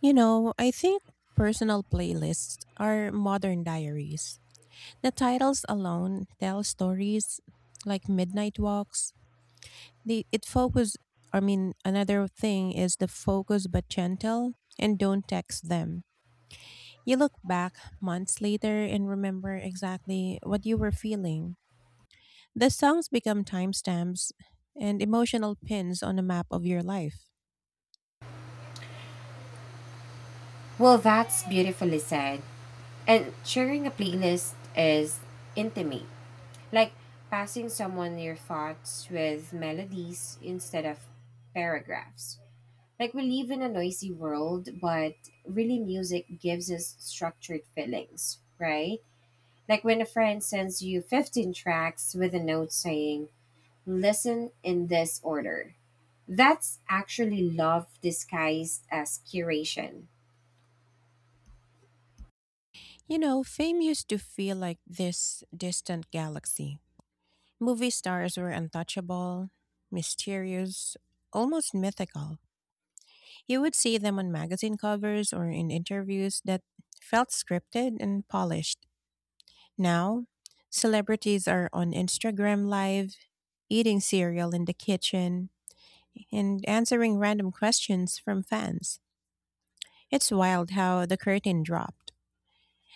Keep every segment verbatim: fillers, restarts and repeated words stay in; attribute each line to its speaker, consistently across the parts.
Speaker 1: You know, I think personal playlists are modern diaries. The titles alone tell stories like midnight walks. The it focus I mean Another thing is the focus but gentle and don't text them. You look back months later and remember exactly what you were feeling. The songs become timestamps and emotional pins on a map of your life.
Speaker 2: Well, that's beautifully said. And sharing a playlist is intimate, like passing someone your thoughts with melodies instead of paragraphs. Like we live in a noisy world, but really music gives us structured feelings, right? Like when a friend sends you fifteen tracks with a note saying, listen in this order. That's actually love disguised as curation.
Speaker 1: You know, fame used to feel like this distant galaxy. Movie stars were untouchable, mysterious, almost mythical. You would see them on magazine covers or in interviews that felt scripted and polished. Now, celebrities are on Instagram Live, eating cereal in the kitchen, and answering random questions from fans. It's wild how the curtain dropped.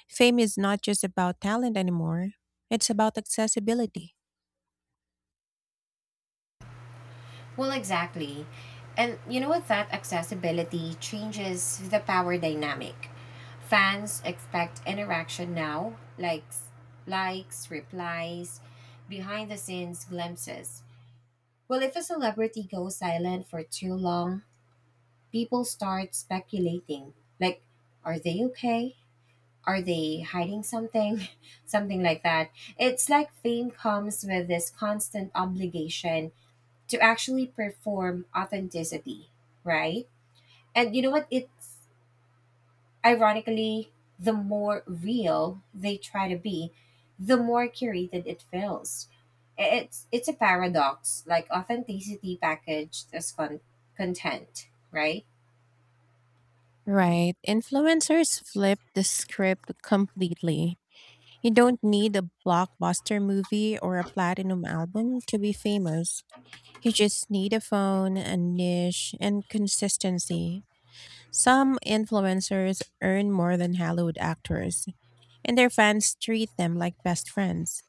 Speaker 1: Fame is not just about talent anymore, it's about accessibility.
Speaker 2: Well, exactly. And you know what? That accessibility changes the power dynamic. Fans expect interaction now, likes, likes, replies, behind the scenes glimpses. Well, if a celebrity goes silent for too long, people start speculating. Like, are they okay? Are they hiding something? Something like that. It's like fame comes with this constant obligation to actually perform authenticity, right? And you know what? It's Ironically, the more real they try to be, the more curated it feels. I- It's it's a paradox, like authenticity packaged as con- content, right?
Speaker 1: Right. Influencers flip the script completely. You don't need a blockbuster movie or a platinum album to be famous. You just need a phone, a niche, and consistency. Some influencers earn more than Hollywood actors, and their fans treat them like best friends.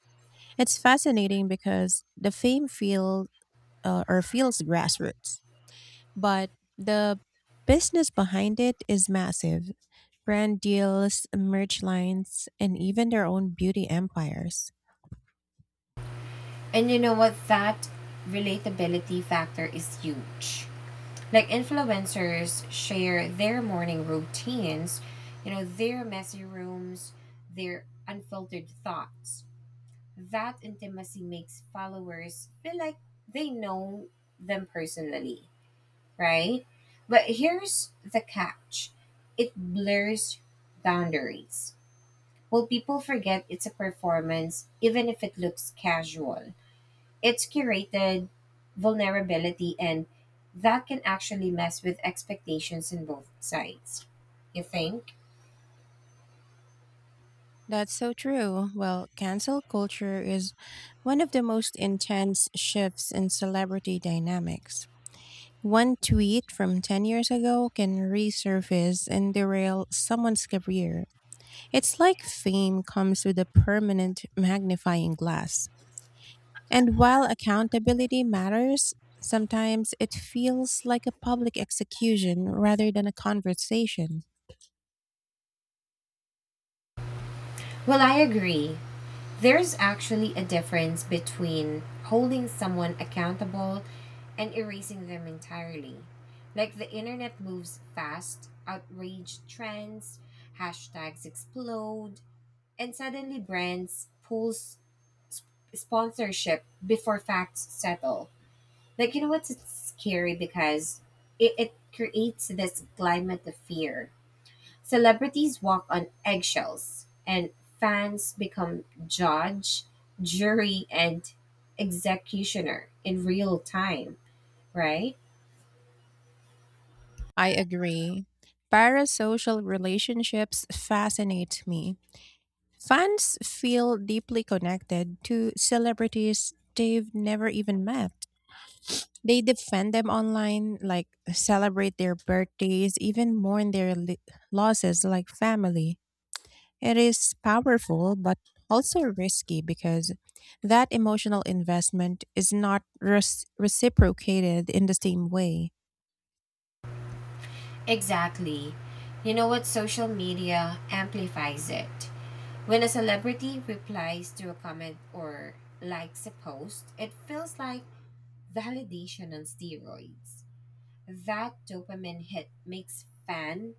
Speaker 1: It's fascinating because the fame feel uh, or feels grassroots. But the business behind it is massive: brand deals, merch lines, and even their own beauty empires.
Speaker 2: And you know what? That relatability factor is huge. Like influencers share their morning routines, you know, their messy rooms, their unfiltered thoughts. That intimacy makes followers feel like they know them personally, right? But here's the catch: it blurs boundaries. Well, people forget it's a performance, even if it looks casual. It's curated vulnerability, and that can actually mess with expectations in both sides. You think?
Speaker 1: That's so true. Well, cancel culture is one of the most intense shifts in celebrity dynamics. One tweet from ten years ago can resurface and derail someone's career. It's like fame comes with a permanent magnifying glass. And while accountability matters, sometimes it feels like a public execution rather than a conversation.
Speaker 2: Well, I agree. There's actually a difference between holding someone accountable and erasing them entirely. Like the internet moves fast, outrage trends, hashtags explode, and suddenly brands pulls sponsorship before facts settle. Like you know what's it's scary because it, it creates this climate of fear. Celebrities walk on eggshells, and fans become judge, jury, and executioner in real time, right?
Speaker 1: I agree. Parasocial relationships fascinate me. Fans feel deeply connected to celebrities they've never even met. They defend them online, like celebrate their birthdays, even mourn their li- losses like family. It is powerful, but also risky because that emotional investment is not res- reciprocated in the same way.
Speaker 2: Exactly. You know what? Social media amplifies it. When a celebrity replies to a comment or likes a post, it feels like validation on steroids. That dopamine hit makes fan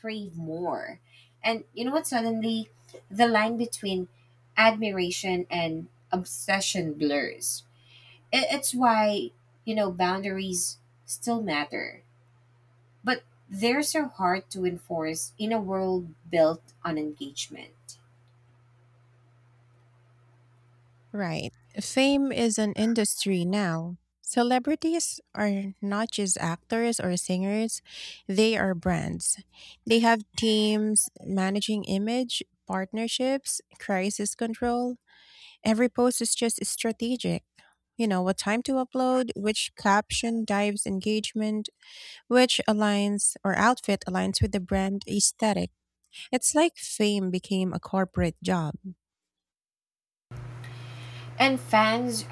Speaker 2: crave more. And you know what? Suddenly, the line between admiration and obsession blurs. I- It's why, you know, boundaries still matter, but they're so hard to enforce in a world built on engagement.
Speaker 1: Right. Fame is an industry now. Celebrities are not just actors or singers, they are brands. They have teams managing image, partnerships, crisis control. Every post is just strategic. You know, what time to upload, which caption drives engagement, which aligns or outfit aligns with the brand aesthetic. It's like fame became a corporate job.
Speaker 2: And fans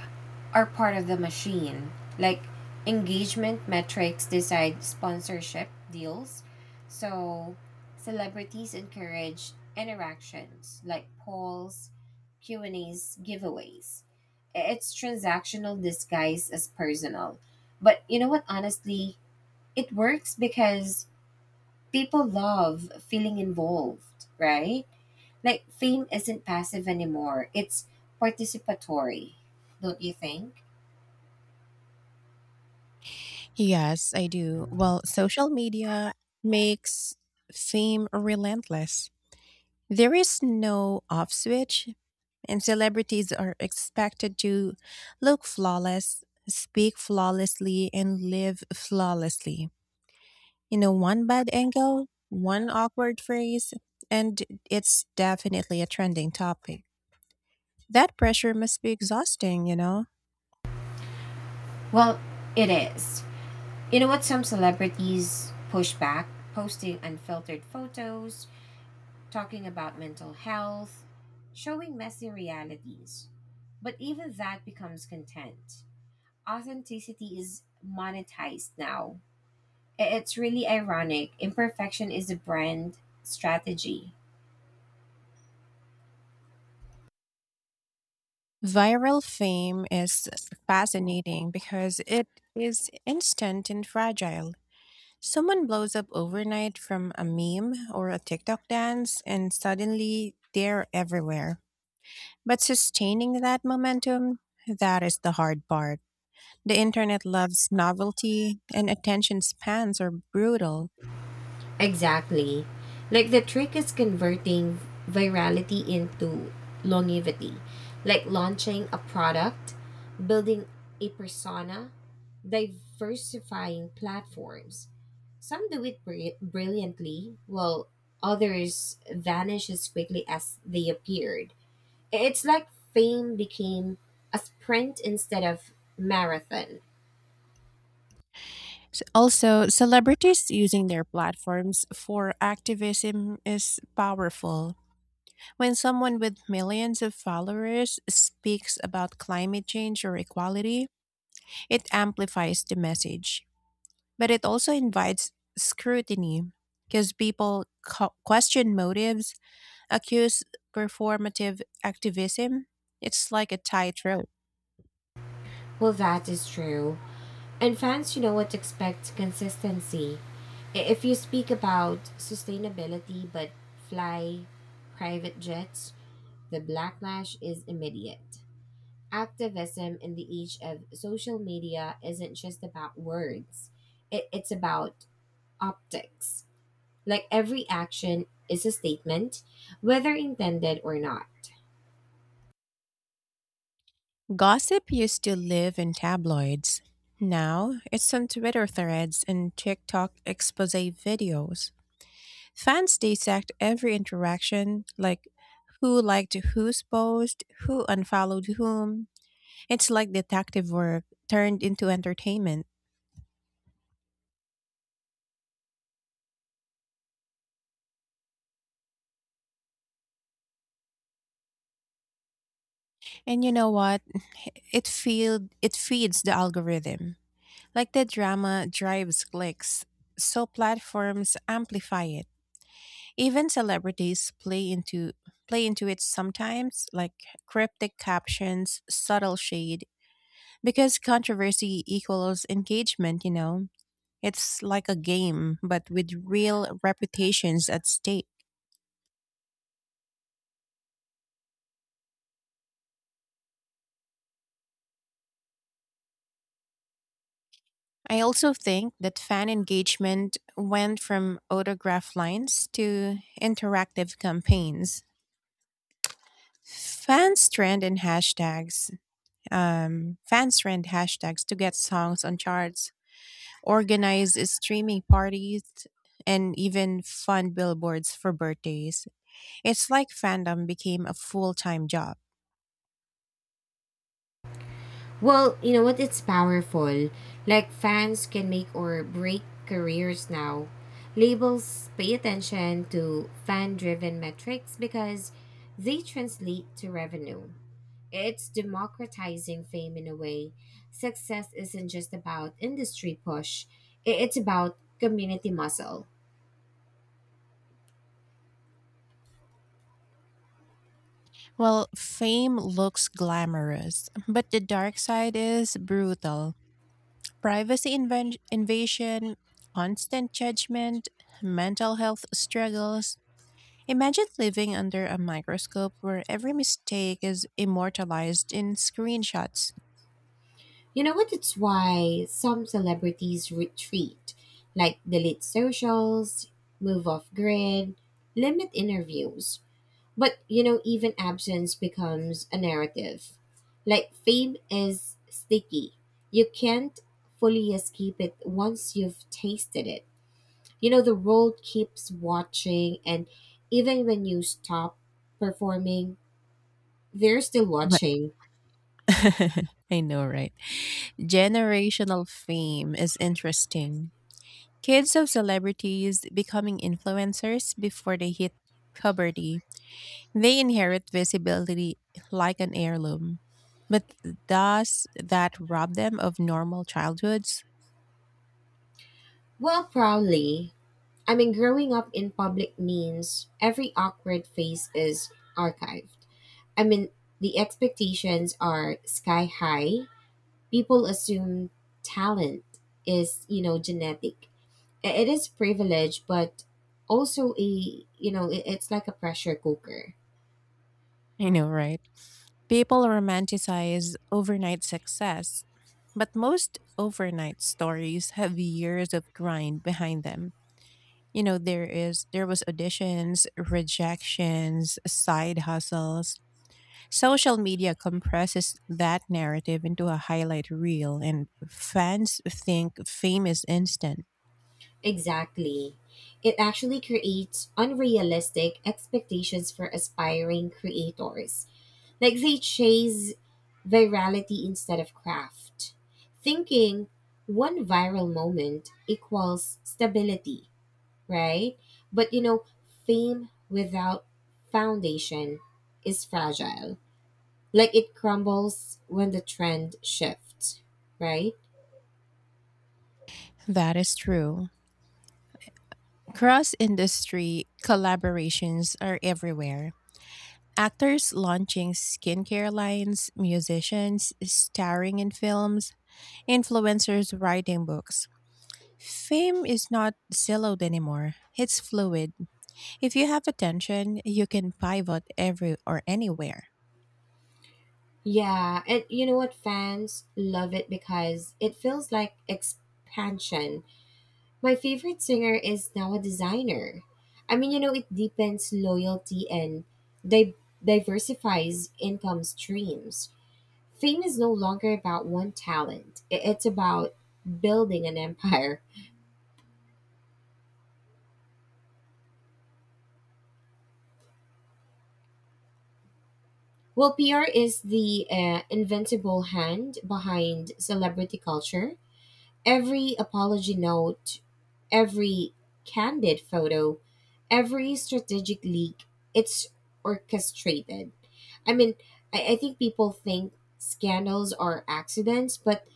Speaker 2: are part of the machine. Like engagement metrics decide sponsorship deals. So celebrities encourage interactions like polls, Q&As, giveaways. It's transactional disguised as personal. But you know what honestly, it works because people love feeling involved, right? Like fame isn't passive anymore. It's participatory, don't you think?
Speaker 1: Yes, I do. Well, social media makes fame relentless. There is no off switch, and celebrities are expected to look flawless, speak flawlessly, and live flawlessly. You know, one bad angle, one awkward phrase, and it's definitely a trending topic. That pressure must be exhausting, you know?
Speaker 2: Well, it is. You know what some celebrities push back? Posting unfiltered photos, talking about mental health, showing messy realities. But even that becomes content. Authenticity is monetized now. I- It's really ironic. Imperfection is a brand strategy.
Speaker 1: Viral fame is fascinating because it is instant and fragile. Someone blows up overnight from a meme or a TikTok dance, and suddenly they're everywhere. But sustaining that momentum, that is the hard part. The internet loves novelty, and attention spans are brutal.
Speaker 2: Exactly. Like the trick is converting virality into longevity, like launching a product, building a persona, diversifying platforms. Some do it bri- brilliantly, while others vanish as quickly as they appeared. It's like fame became a sprint instead of marathon.
Speaker 1: S- Also, celebrities using their platforms for activism is powerful. When someone with millions of followers speaks about climate change or equality, it amplifies the message. But it also invites scrutiny because people co- question motives, accuse performative activism. It's like a tightrope.
Speaker 2: Well, that is true. And fans, you know what, to expect consistency. I- If you speak about sustainability but fly private jets, the backlash is immediate. Activism in the age of social media isn't just about words, it, it's about optics. Like every action is a statement, whether intended or not.
Speaker 1: Gossip used to live in tabloids. Now it's on Twitter threads and TikTok expose videos. Fans dissect every interaction, like who liked whose post, who unfollowed whom. It's like detective work turned into entertainment. And you know what? It feed it feeds the algorithm. Like the drama drives clicks, so platforms amplify it. Even celebrities play into play into it sometimes, like cryptic captions, subtle shade, because controversy equals engagement, you know. It's like a game, but with real reputations at stake. I also think that fan engagement went from autograph lines to interactive campaigns. Fans trend and hashtags, um, Fans trend hashtags to get songs on charts, organize streaming parties, and even fund billboards for birthdays. It's like fandom became a full time job.
Speaker 2: Well, you know what? It's powerful. Like fans can make or break careers now. Labels pay attention to fan driven metrics because they translate to revenue. It's democratizing fame in a way. Success isn't just about industry push, i- it's about community muscle.
Speaker 1: Well, fame looks glamorous, but the dark side is brutal. Privacy inven- invasion, constant judgment, mental health struggles. Imagine living under a microscope where every mistake is immortalized in screenshots.
Speaker 2: You know what? It's why some celebrities retreat, like delete socials, move off grid, limit interviews. But you know, even absence becomes a narrative. Like fame is sticky. You can't fully escape it once you've tasted it. You know, the world keeps watching, and even when you stop performing, they're still
Speaker 1: Right.
Speaker 2: watching.
Speaker 1: I know, right? Generational fame is interesting. Kids of celebrities becoming influencers before they hit puberty. They inherit visibility like an heirloom. But does that rob them of normal childhoods?
Speaker 2: Well, proudly. I mean, growing up in public means every awkward face is archived. I mean, the expectations are sky high. People assume talent is, you know, genetic. I- it is privilege, but also a, you know, it- it's like a pressure cooker.
Speaker 1: I know, right? People romanticize overnight success, but most overnight stories have years of grind behind them. You know, there is there was auditions, rejections, side hustles. Social media compresses that narrative into a highlight reel and fans think fame is instant.
Speaker 2: Exactly, it actually creates unrealistic expectations for aspiring creators. Like they chase virality instead of craft, thinking one viral moment equals stability, right? But you know, fame without foundation is fragile. Like it crumbles when the trend shifts, right?
Speaker 1: That is true. Cross industry collaborations are everywhere. Actors launching skincare lines, musicians starring in films, influencers writing books. Fame is not siloed anymore. It's fluid. If you have attention, you can pivot every or anywhere.
Speaker 2: Yeah, and you know what? Fans love it because it feels like expansion. My favorite singer is now a designer. I mean, you know, it deepens loyalty and di- diversifies income streams. Fame is no longer about one talent, I- it's about building an empire. Willpr is the uh, invincible hand behind celebrity culture. Every apology note, every candid photo, every strategic leak, it's orchestrated. I mean, I, I think people think scandals are accidents, but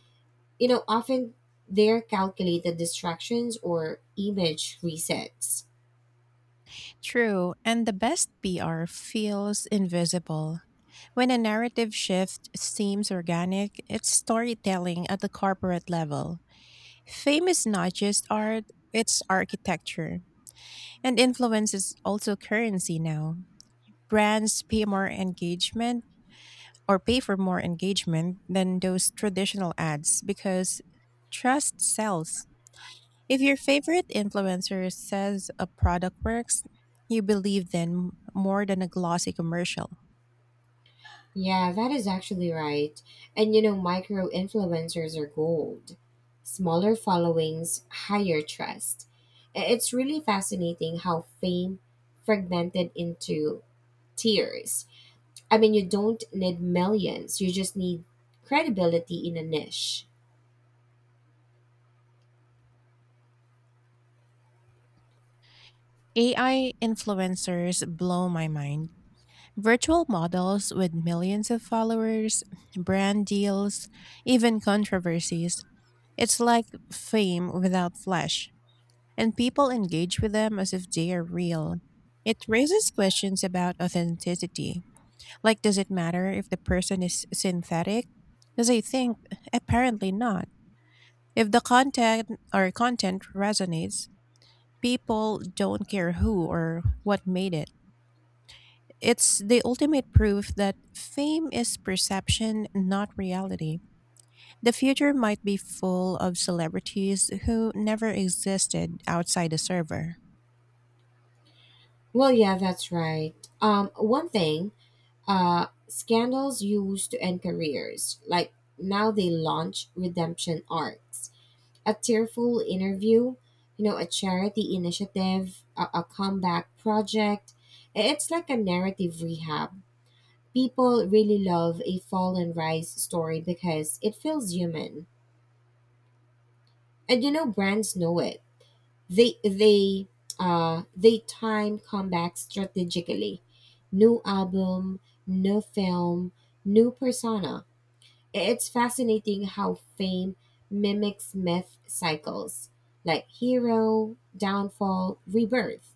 Speaker 2: you know, often they're calculated distractions or image resets.
Speaker 1: True, and the best P R feels invisible. When a narrative shift seems organic, it's storytelling at the corporate level. Fame is not just art, it's architecture. And influence is also currency now. Brands pay more engagement or pay for more engagement than those traditional ads because trust sells. If your favorite influencer says a product works, you believe them more than a glossy commercial.
Speaker 2: Yeah, that is actually right. And you know, micro influencers are gold. Smaller followings, higher trust. I- It's really fascinating how fame fragmented into tiers. I mean, you don't need millions, you just need credibility in a niche.
Speaker 1: A I influencers blow my mind. Virtual models with millions of followers, brand deals, even controversies. It's like fame without flesh, and people engage with them as if they are real. It raises questions about authenticity. Like, does it matter if the person is synthetic? Because I think apparently not. If the content or content resonates, people don't care who or what made it. It's the ultimate proof that fame is perception, not reality. The future might be full of celebrities who never existed outside the server.
Speaker 2: Well, yeah, that's right. Um, one thing, uh, scandals used to end careers. Like now they launch redemption arcs: a tearful interview, you know, a charity initiative, a, a comeback project. It's like a narrative rehab. People really love a fall and rise story because it feels human. And you know, brands know it. They they uh they time comebacks strategically. New album, new film, new persona. It's fascinating how fame mimics myth cycles, like hero, downfall, rebirth.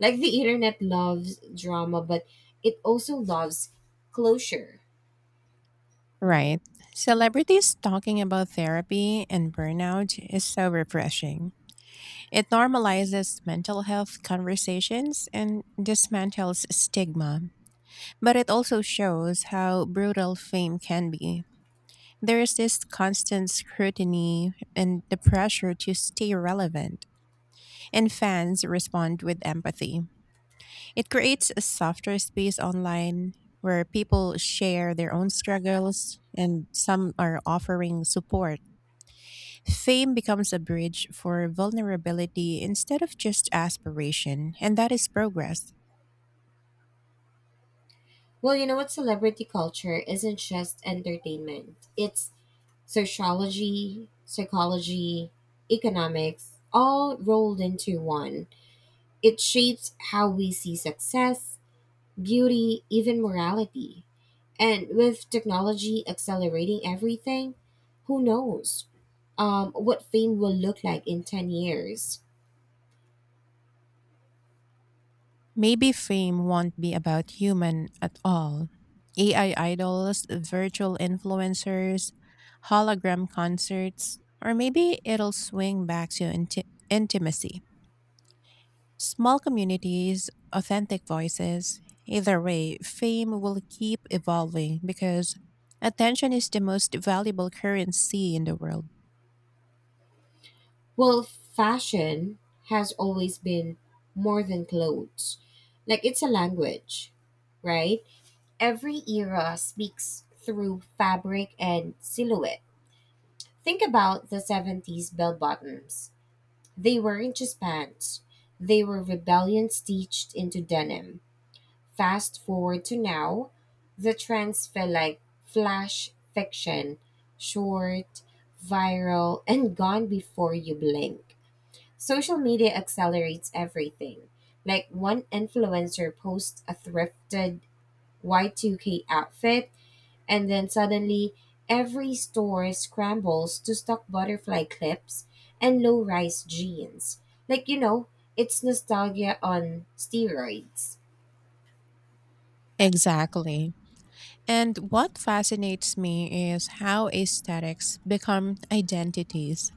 Speaker 2: Like the internet loves drama, but it also loves closure.
Speaker 1: Right. Celebrities talking about therapy and burnout is so refreshing. It normalizes mental health conversations and dismantles stigma, but it also shows how brutal fame can be. There is this constant scrutiny and the pressure to stay relevant, and fans respond with empathy. It creates a softer space online where people share their own struggles and some are offering support. Fame becomes a bridge for vulnerability instead of just aspiration, and that is progress.
Speaker 2: Well, you know what? Celebrity culture isn't just entertainment, it's sociology, psychology, economics, all rolled into one. It shapes how we see success, beauty, even morality. And with technology accelerating everything, who knows um, what fame will look like in ten years?
Speaker 1: Maybe fame won't be about human at all. A I idols, virtual influencers, hologram concerts, or maybe it'll swing back to inti- intimacy. Small communities, authentic voices. Either way, fame will keep evolving because attention is the most valuable currency in the world.
Speaker 2: Well, fashion has always been more than clothes. Like, it's a language, right? Every era speaks through fabric and silhouette. Think about the seventies bell bottoms. They weren't just pants, they were rebellion stitched into denim. Fast forward to now, the trends feel like flash fiction: short, viral, and gone before you blink. Social media accelerates everything. Like one influencer posts a thrifted Y two K outfit, and then suddenly every store scrambles to stock butterfly clips and low rise jeans. Like, you know, it's nostalgia on steroids.
Speaker 1: Exactly. And what fascinates me is how aesthetics become identities.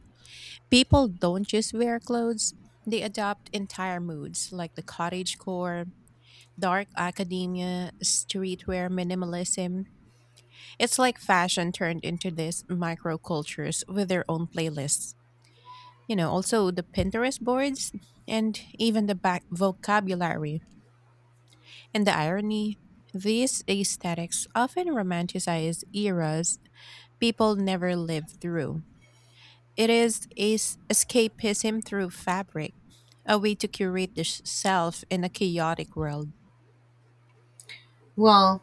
Speaker 1: People don't just wear clothes, they adopt entire moods like the cottage core, dark academia, streetwear minimalism. It's like fashion turned into these microcultures with their own playlists. You know, also the Pinterest boards and even the back vocabulary. And the irony, these aesthetics often romanticize eras people never lived through. It is is escapism through fabric, a way to curate the sh- self in a chaotic world.
Speaker 2: Well,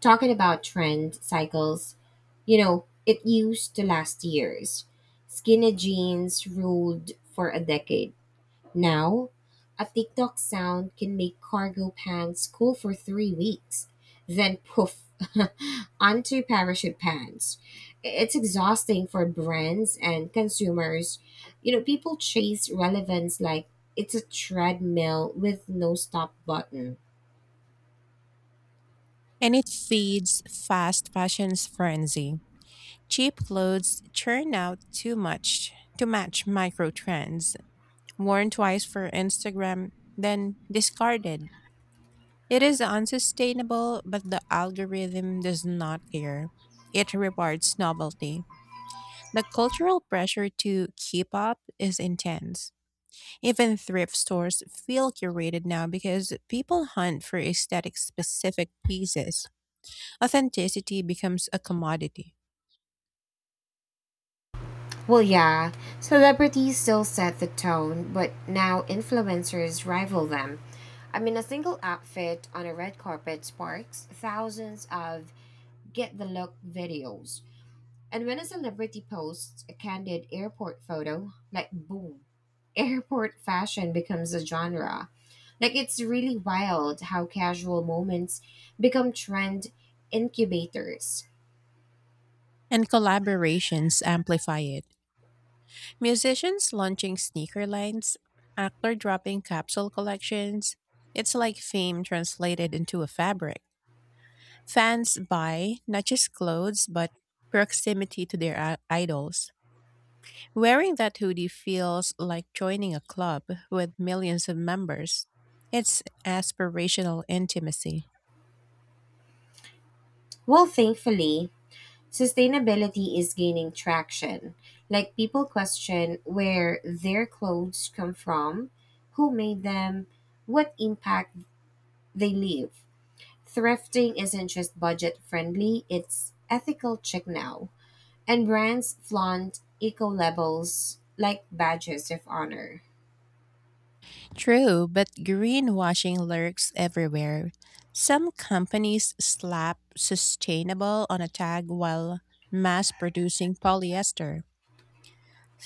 Speaker 2: talking about trend cycles, you know, it used to last years. Skinny jeans ruled for a decade. Now, a TikTok sound can make cargo pants cool for three weeks, then poof, onto parachute pants. It's exhausting for brands and consumers. You know, people chase relevance like it's a treadmill with no stop button.
Speaker 1: And it feeds fast fashion's frenzy. Cheap clothes churn out too much to match micro trends, worn twice for Instagram, then discarded. It is unsustainable, but the algorithm does not care. It rewards novelty. The cultural pressure to keep up is intense. Even thrift stores feel curated now because people hunt for aesthetic specific pieces. Authenticity becomes a commodity,
Speaker 2: Well, yeah, celebrities still set the tone, but now influencers rival them. I mean, a single outfit on a red carpet sparks thousands of get the look videos. And when a celebrity posts a candid airport photo, like boom, airport fashion becomes a genre. Like, it's really wild how casual moments become trend incubators.
Speaker 1: and collaborations amplify it. Musicians launching sneaker lines, actor dropping capsule collections. It's like fame translated into a fabric. Fans buy not just clothes, but proximity to their i- idols. Wearing that hoodie feels like joining a club with millions of members. It's aspirational intimacy.
Speaker 2: Well, thankfully, sustainability is gaining traction. Like people question where their clothes come from, who made them, what impact they leave. Thrifting isn't just budget friendly, it's ethical chic now. And brands flaunt eco labels like badges of honor.
Speaker 1: True, but greenwashing lurks everywhere. Some companies slap sustainable on a tag while mass producing polyester.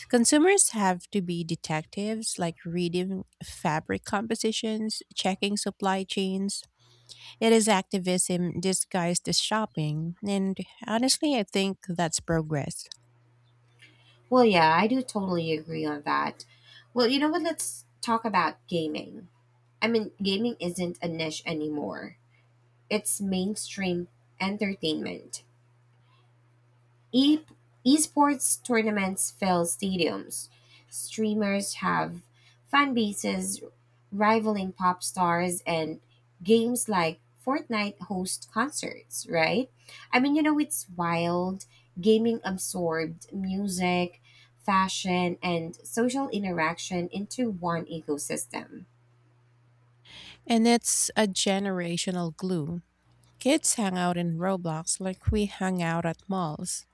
Speaker 1: Consumers have to be detectives, like reading fabric compositions, checking supply chains. It is activism disguised as shopping, and honestly, I think that's progress.
Speaker 2: Well, yeah, I do totally agree on that. Well, you know what? Let's talk about gaming. I mean, gaming isn't a niche anymore, its mainstream entertainment. E- Esports tournaments fill stadiums. Streamers have fan bases rivaling pop stars, and games like Fortnite host concerts, right? I mean, you know, it's wild. Gaming absorbed music, fashion, and social interaction into one ecosystem.
Speaker 1: And it's a generational glue. Kids hang out in Roblox like we hung out at malls.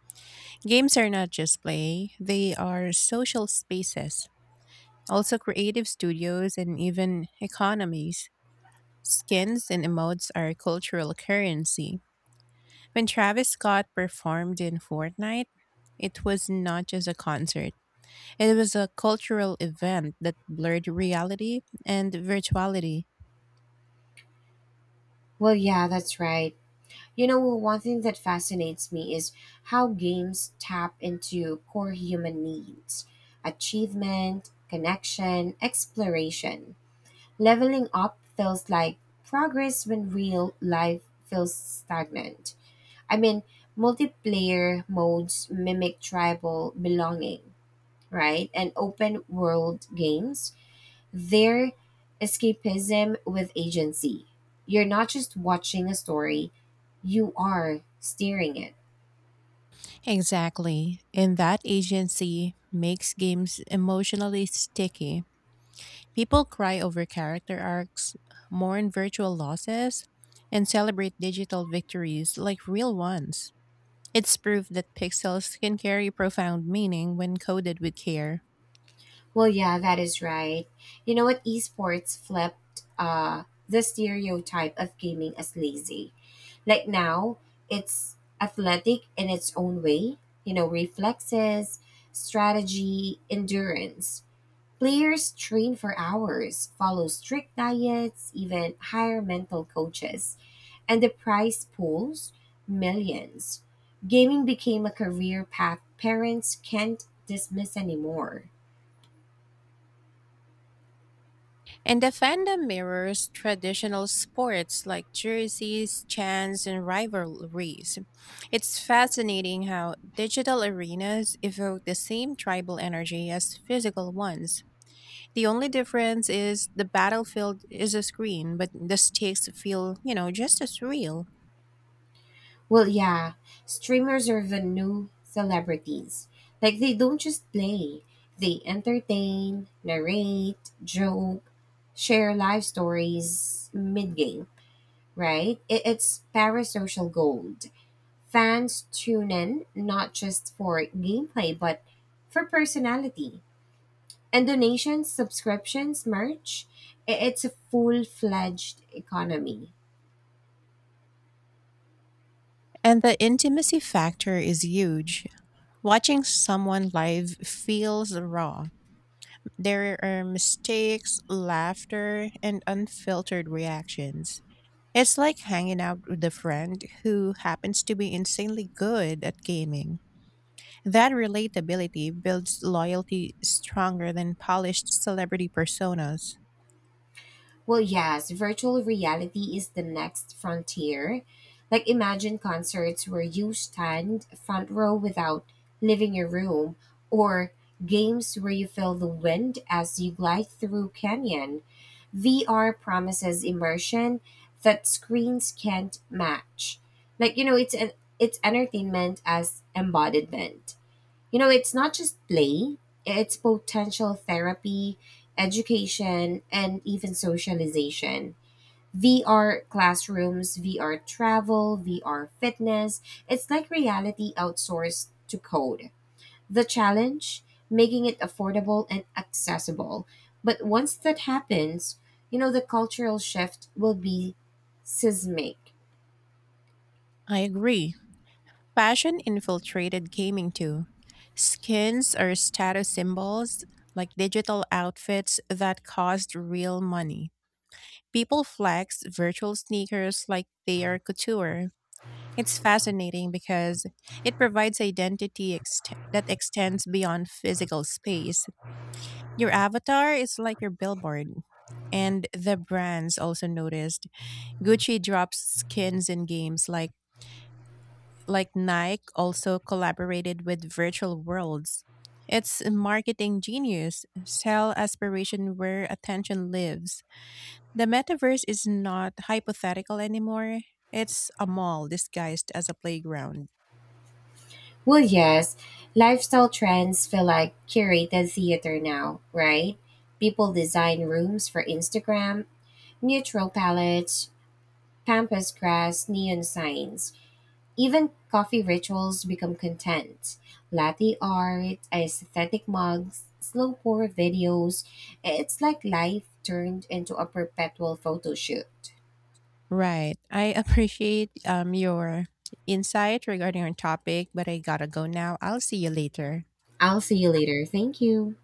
Speaker 1: Games are not just play, they are social spaces, also creative studios and even economies. Skins and emotes are cultural currency. When Travis Scott performed in Fortnite, it was not just a concert. It was a cultural event that blurred reality and virtuality.
Speaker 2: Well, yeah, that's right. You know, one thing that fascinates me is how games tap into core human needs: achievement, connection, exploration. Leveling up feels like progress when real life feels stagnant. I mean, multiplayer modes mimic tribal belonging, right? And open world games, their escapism with agency. You're not just watching a story, you are steering it.
Speaker 1: Exactly. And that agency makes games emotionally sticky. People cry over character arcs, mourn virtual losses, and celebrate digital victories like real ones. It's proof that pixels can carry profound meaning when coded with care.
Speaker 2: Well, yeah, that is right. You know what? Esports flipped uh, the stereotype of gaming as lazy. Like now, it's athletic in its own way, you know, reflexes, strategy, endurance. Players train for hours, follow strict diets, even hire mental coaches. And the prize pools, millions. Gaming became a career path parents can't dismiss anymore.
Speaker 1: And the fandom mirrors traditional sports like jerseys, chants, and rivalries. It's fascinating how digital arenas evoke the same tribal energy as physical ones. The only difference is the battlefield is a screen, but the stakes feel, you know, just as real.
Speaker 2: Well, yeah, streamers are the new celebrities. Like, they don't just play, they entertain, narrate, joke, share life stories mid game, right? It, it's parasocial gold. Fans tune in not just for gameplay, but for personality. And donations, subscriptions, merch, i- it's a full fledged economy.
Speaker 1: And the intimacy factor is huge. Watching someone live feels raw. There are mistakes, laughter, and unfiltered reactions. It's like hanging out with a friend who happens to be insanely good at gaming. That relatability builds loyalty stronger than polished celebrity personas.
Speaker 2: Well, yes, virtual reality is the next frontier. Like, imagine concerts where you stand front row without leaving your room, or games where you feel the wind as you glide through canyon. V R promises immersion that screens can't match. Like, you know, it's an, it's entertainment as embodiment. You know, it's not just play, it's potential therapy, education, and even socialization. V R classrooms, V R travel, V R fitness. It's like reality outsourced to code. The challenge, making it affordable and accessible. But once that happens, you know, the cultural shift will be seismic.
Speaker 1: I agree. Fashion infiltrated gaming too. Skins are status symbols, like digital outfits that cost real money. People flex virtual sneakers like they are couture. It's fascinating because it provides identity ext- that extends beyond physical space. Your avatar is like your billboard. And the brands also noticed. Gucci drops skins in games like like Nike also collaborated with virtual worlds. It's marketing genius. Sell aspiration where attention lives. The metaverse is not hypothetical anymore. It's a mall disguised as a playground.
Speaker 2: Well, yes, lifestyle trends feel like curated theater now, right? People design rooms for Instagram, neutral palettes, pampas grass, neon signs. Even coffee rituals become content. Latte art, aesthetic mugs, slow pour videos. It's like life turned into a perpetual photo shoot.
Speaker 1: Right. I appreciate um, your insight regarding our topic, but I gotta go now. I'll see you later.
Speaker 2: I'll see you later. Thank you.